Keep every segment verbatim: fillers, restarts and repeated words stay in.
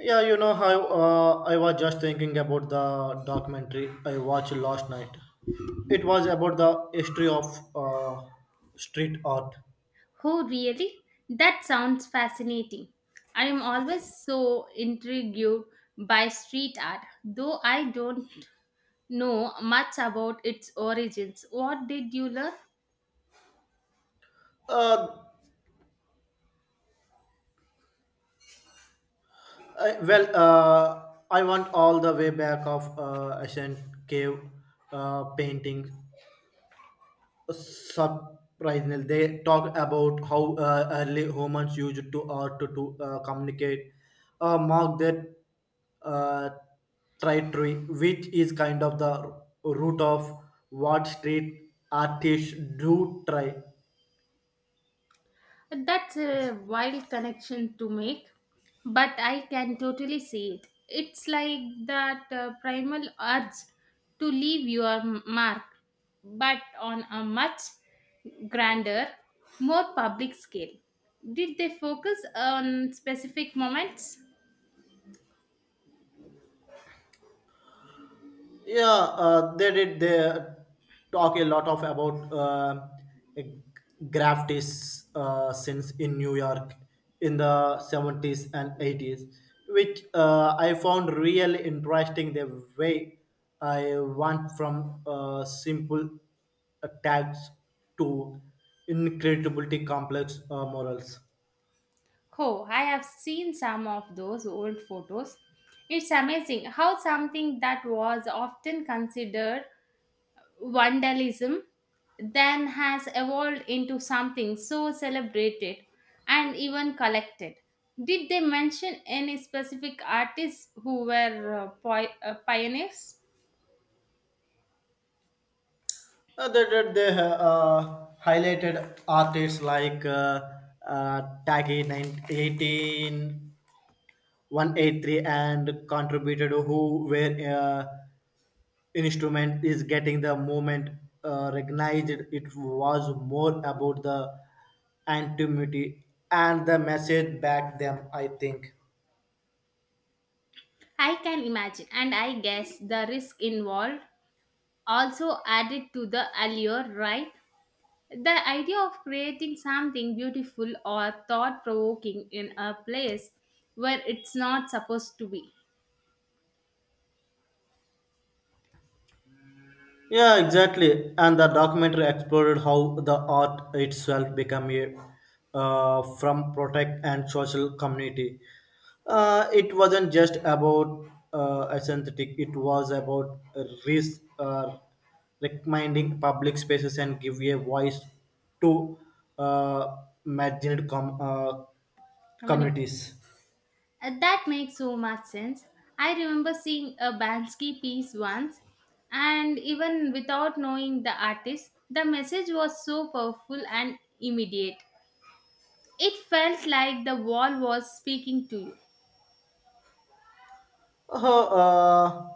Yeah, you know how uh, I was just thinking about the documentary I watched last night. It was about the history of uh, street art. Oh, really? That sounds fascinating. I am always so intrigued by street art, though I don't know much about its origins. What did you learn? Uh, I, well, uh, I went all the way back of uh, ancient cave uh, paintings surprisingly they talk about how uh, early humans used to art to to uh, communicate uh, mark that uh, territory, which is kind of the root of what street artists do try. That's a wild connection to make, but I can totally see it. It's like that uh, primal urge to leave your mark, but on a much grander, more public scale. Did they focus on specific moments? Yeah, uh, they did. They uh, talk a lot of about uh, graftis uh, since in New York in the seventies and eighties, which uh, I found really interesting. The way I went from uh, simple uh, tags to incredibly complex uh, morals. Oh, I have seen some of those old photos. It's amazing how something that was often considered vandalism then has evolved into something so celebrated and even collected. Did they mention any specific artists who were uh, poi- uh, pioneers? Uh, they, they, they uh, uh, highlighted artists like uh, uh, Taggy nineteen, eighteen one eighty-three and contributed who where uh, instrument is getting the movement uh, recognized. It was more about the anonymity and the message back them, I think. I can imagine, and I guess the risk involved also added to the allure, right? The idea of creating something beautiful or thought provoking in a place where it's not supposed to be. Yeah, exactly. And the documentary explored how the art itself became a uh, from protect and social community. Uh, it wasn't just about uh, aesthetic; it was about risk, uh, recommending public spaces and give a voice to uh, marginalized com- uh, Communicate. communities. Uh, That makes so much sense. I remember seeing a Bansky piece once, and even without knowing the artist, the message was so powerful and immediate. It felt like the wall was speaking to you. Uh, uh,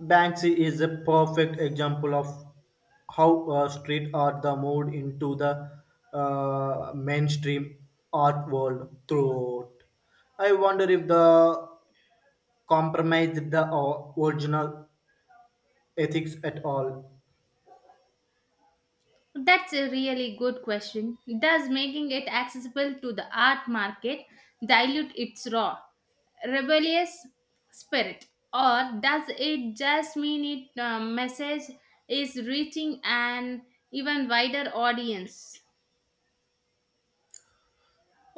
Banksy is a perfect example of how uh, street art the moved into the uh, mainstream art world throughout. I wonder if the compromised the o- original ethics at all. That's a really good question. Does making it accessible to the art market dilute its raw, rebellious spirit? Or does it just mean its message is reaching an even wider audience?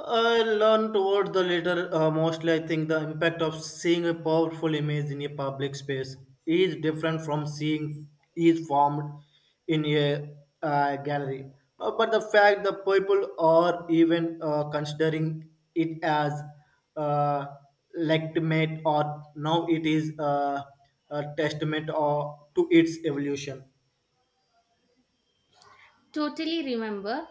I learn towards the latter. Uh, mostly, I think the impact of seeing a powerful image in a public space is different from seeing is formed in a uh, gallery. Uh, but the fact that people are even uh, considering it as uh, legitimate or now it is uh, a testament or to its evolution. Totally remember.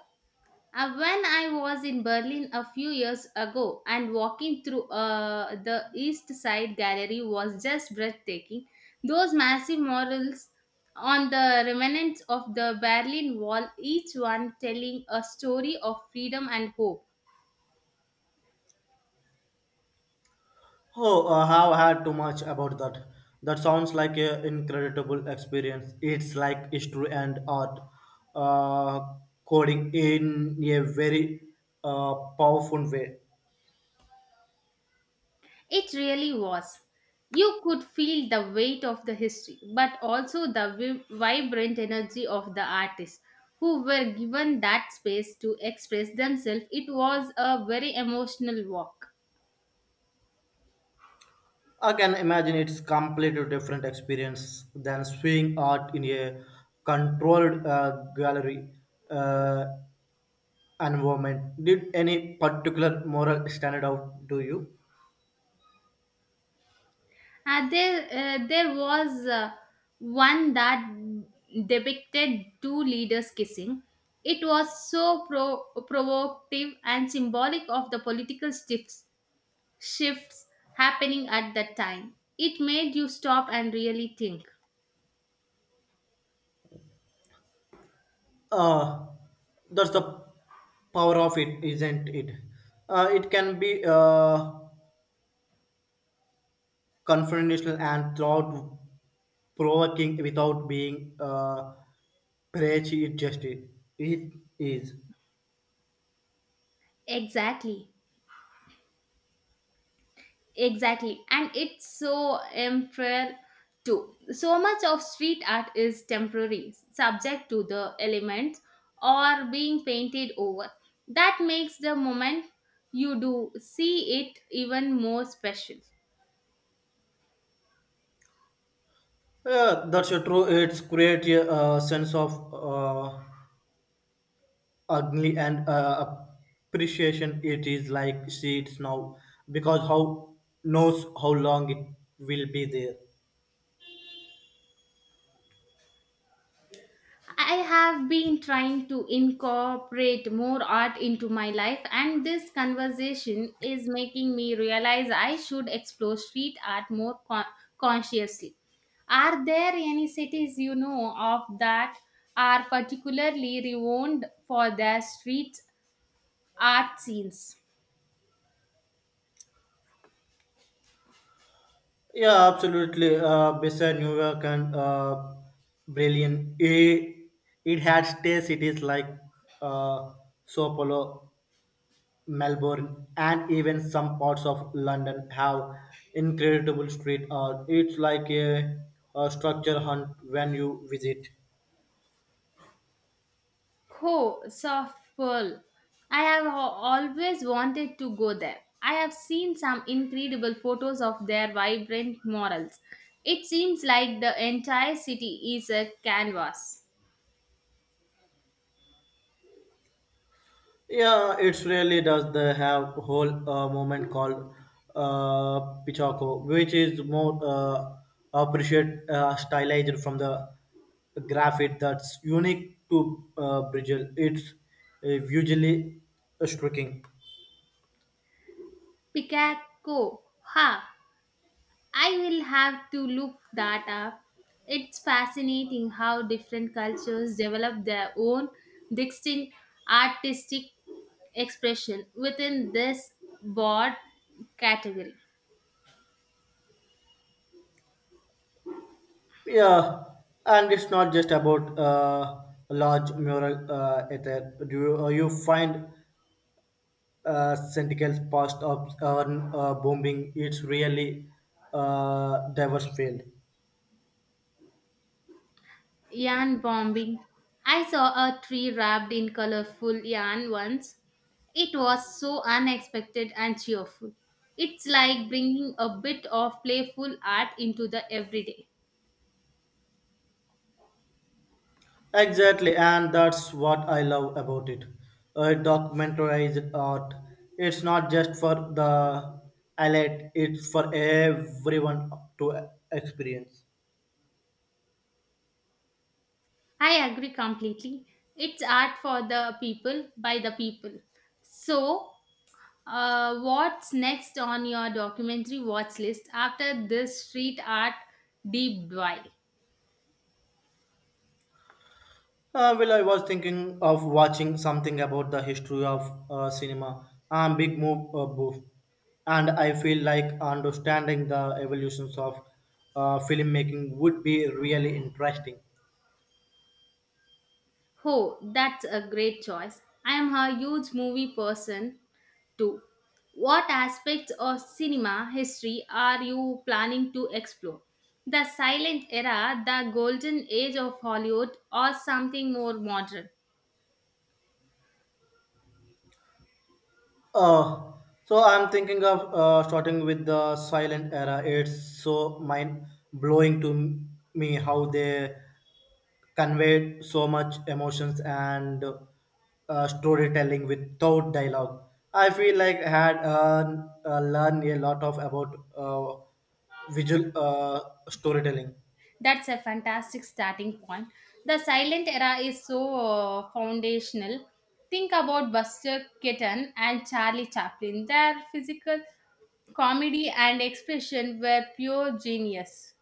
Uh, when I was in Berlin a few years ago and walking through uh, the East Side Gallery was just breathtaking. Those massive murals on the remnants of the Berlin Wall, each one telling a story of freedom and hope. Oh, I have heard too much about that. That sounds like an incredible experience. It's like history and art uh, coding in a very uh, powerful way. It really was. You could feel the weight of the history, but also the vi- vibrant energy of the artists who were given that space to express themselves. It was a very emotional walk. I can imagine it's completely different experience than seeing art in a controlled uh, gallery uh, environment. Did any particular moral stand out to you? Uh, there, uh, there was uh, one that depicted two leaders kissing. It was so pro- provocative and symbolic of the political shifts shifts happening at that time. It made you stop and really think. uh, that's the power of it, isn't it? Uh, it can be uh, confrontational and thought provoking without being uh, prejudiced, it just it, it is. Exactly, exactly. And it's so unfair too. So much of street art is temporary, subject to the elements or being painted over. That makes the moment you do see it even more special. Yeah, that's uh, true, it's create a uh, sense of uh, ugly and uh, appreciation, it is like seeds now because how knows how long it will be there. I have been trying to incorporate more art into my life, and this conversation is making me realize I should explore street art more con- consciously. Are there any cities you know of that are particularly renowned for their street art scenes? Yeah, absolutely. Uh, beside New York and uh, Berlin, it, it had stay cities like uh, Sao Paulo, Melbourne, and even some parts of London have incredible street art. It's like a, a structure hunt when you visit. Oh, Safal. I have al- always wanted to go there. I have seen some incredible photos of their vibrant murals. It seems like the entire city is a canvas. Yeah, it's really does they have whole uh, movement called uh, Pichako, which is more uh, appreciate uh, stylized from the graphite that's unique to uh, Brazil. It's uh, usually striking. Picasso. Ha! I will have to look that up. It's fascinating how different cultures develop their own distinct artistic expression within this broad category. Yeah, and it's not just about uh, large mural uh, ether. Do you, uh, you find uh, Sentinel's past of uh, uh, bombing? It's really uh, diverse field. Yarn bombing. I saw a tree wrapped in colorful yarn once. It was so unexpected and cheerful. It's like bringing a bit of playful art into the everyday. Exactly, and that's what I love about it. A documentarized art. It's not just for the elite, it's for everyone to experience. I agree completely. It's art for the people by the people. So, uh, what's next on your documentary watch list after this street art deep dive? Uh, well, I was thinking of watching something about the history of uh, cinema. I'm a big move uh, buff, and I feel like understanding the evolutions of uh, filmmaking would be really interesting. Oh, that's a great choice. I am a huge movie person too. What aspects of cinema history are you planning to explore? The silent era, the golden age of Hollywood, or something more modern? Uh, so I'm thinking of uh, starting with the silent era. It's so mind blowing to m- me how they conveyed so much emotions and uh, storytelling without dialogue. I feel like I had uh, uh, learned a lot of about uh, visual uh, storytelling. That's a fantastic starting point. The silent era is so uh, foundational. Think about Buster Keaton and Charlie Chaplin. Their physical comedy and expression were pure genius.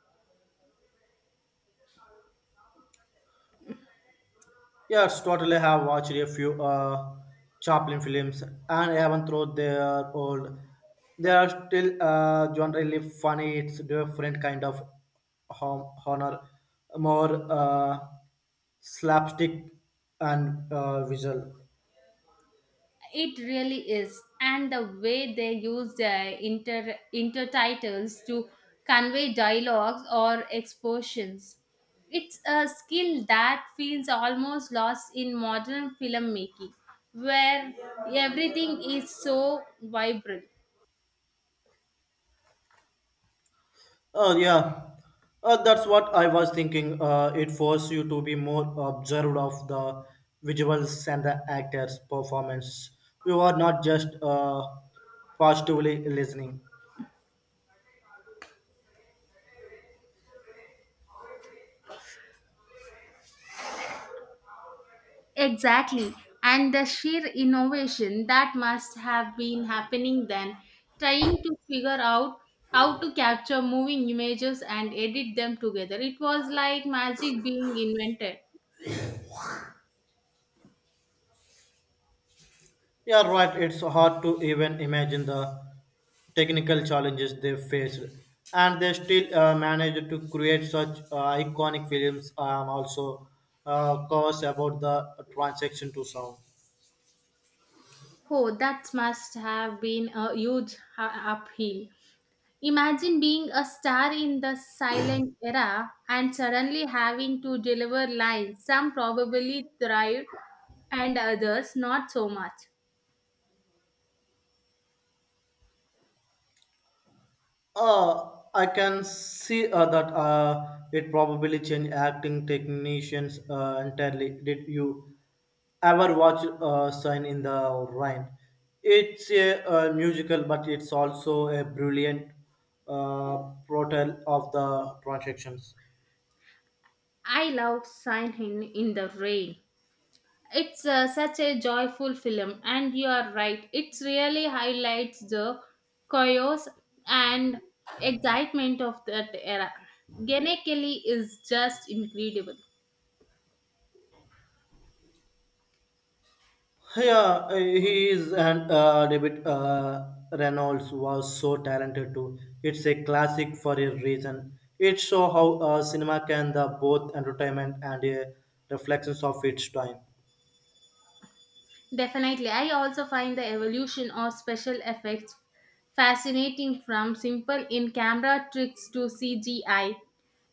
Yes, totally have watched a few uh, Chaplin films, and even though they are old, they are still uh, generally funny. It's different kind of hom- honor, more uh, slapstick and uh, visual. It really is. And the way they use the inter intertitles to convey dialogues or expositions. It's a skill that feels almost lost in modern filmmaking, where everything is so vibrant. Oh yeah, uh, that's what I was thinking. Uh, it forces you to be more observed of the visuals and the actors' performance. You are not just uh, positively listening. Exactly. And the sheer innovation that must have been happening then, trying to figure out how to capture moving images and edit them together. It was like magic being invented. Yeah, right. It's hard to even imagine the technical challenges they faced, and they still uh, managed to create such uh, iconic films. Um, also, uh, cause about the transaction to sound. Oh, that must have been a huge ha- upheaval. Imagine being a star in the silent era and suddenly having to deliver lines. Some probably thrived and others not so much. Uh, I can see uh, that uh, it probably changed acting technicians uh, entirely. Did you ever watch uh, Sign in the Rain? It's a, uh musical, but it's also a brilliant uh, portrayal of the transactions. I love Sign in the Rain. It's uh, such a joyful film, and you are right. It really highlights the chaos and excitement of that era. Gene is just incredible. Yeah, uh, he is, and uh, David uh, Reynolds was so talented too. It's a classic for a reason. It shows how uh, cinema can the both entertainment and a reflections of its time. Definitely, I also find the evolution of special effects fascinating from simple in camera tricks to C G I.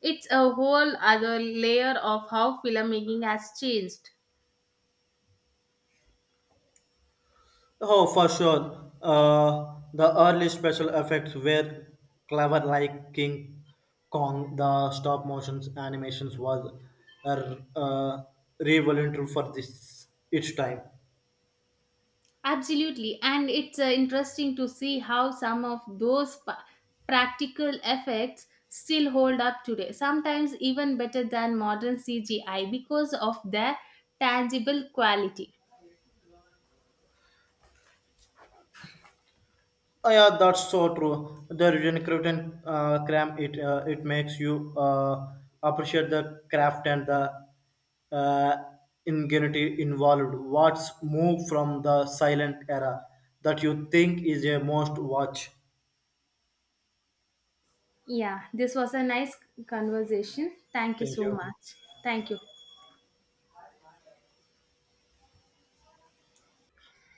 It's a whole other layer of how filmmaking has changed. Oh, for sure. Uh, the early special effects were clever, like King Kong. The stop motion animations was uh, uh, revolutionary for this its time. Absolutely, and it's uh, interesting to see how some of those pa- practical effects still hold up today, sometimes even better than modern C G I because of their tangible quality. Oh, yeah, that's so true. The recruiting uh, cram it uh, it makes you uh, appreciate the craft and the uh, ingenuity involved. What's moved from the silent era that you think is a most watch? Yeah, this was a nice conversation. Thank you Thank so you. much. Thank you.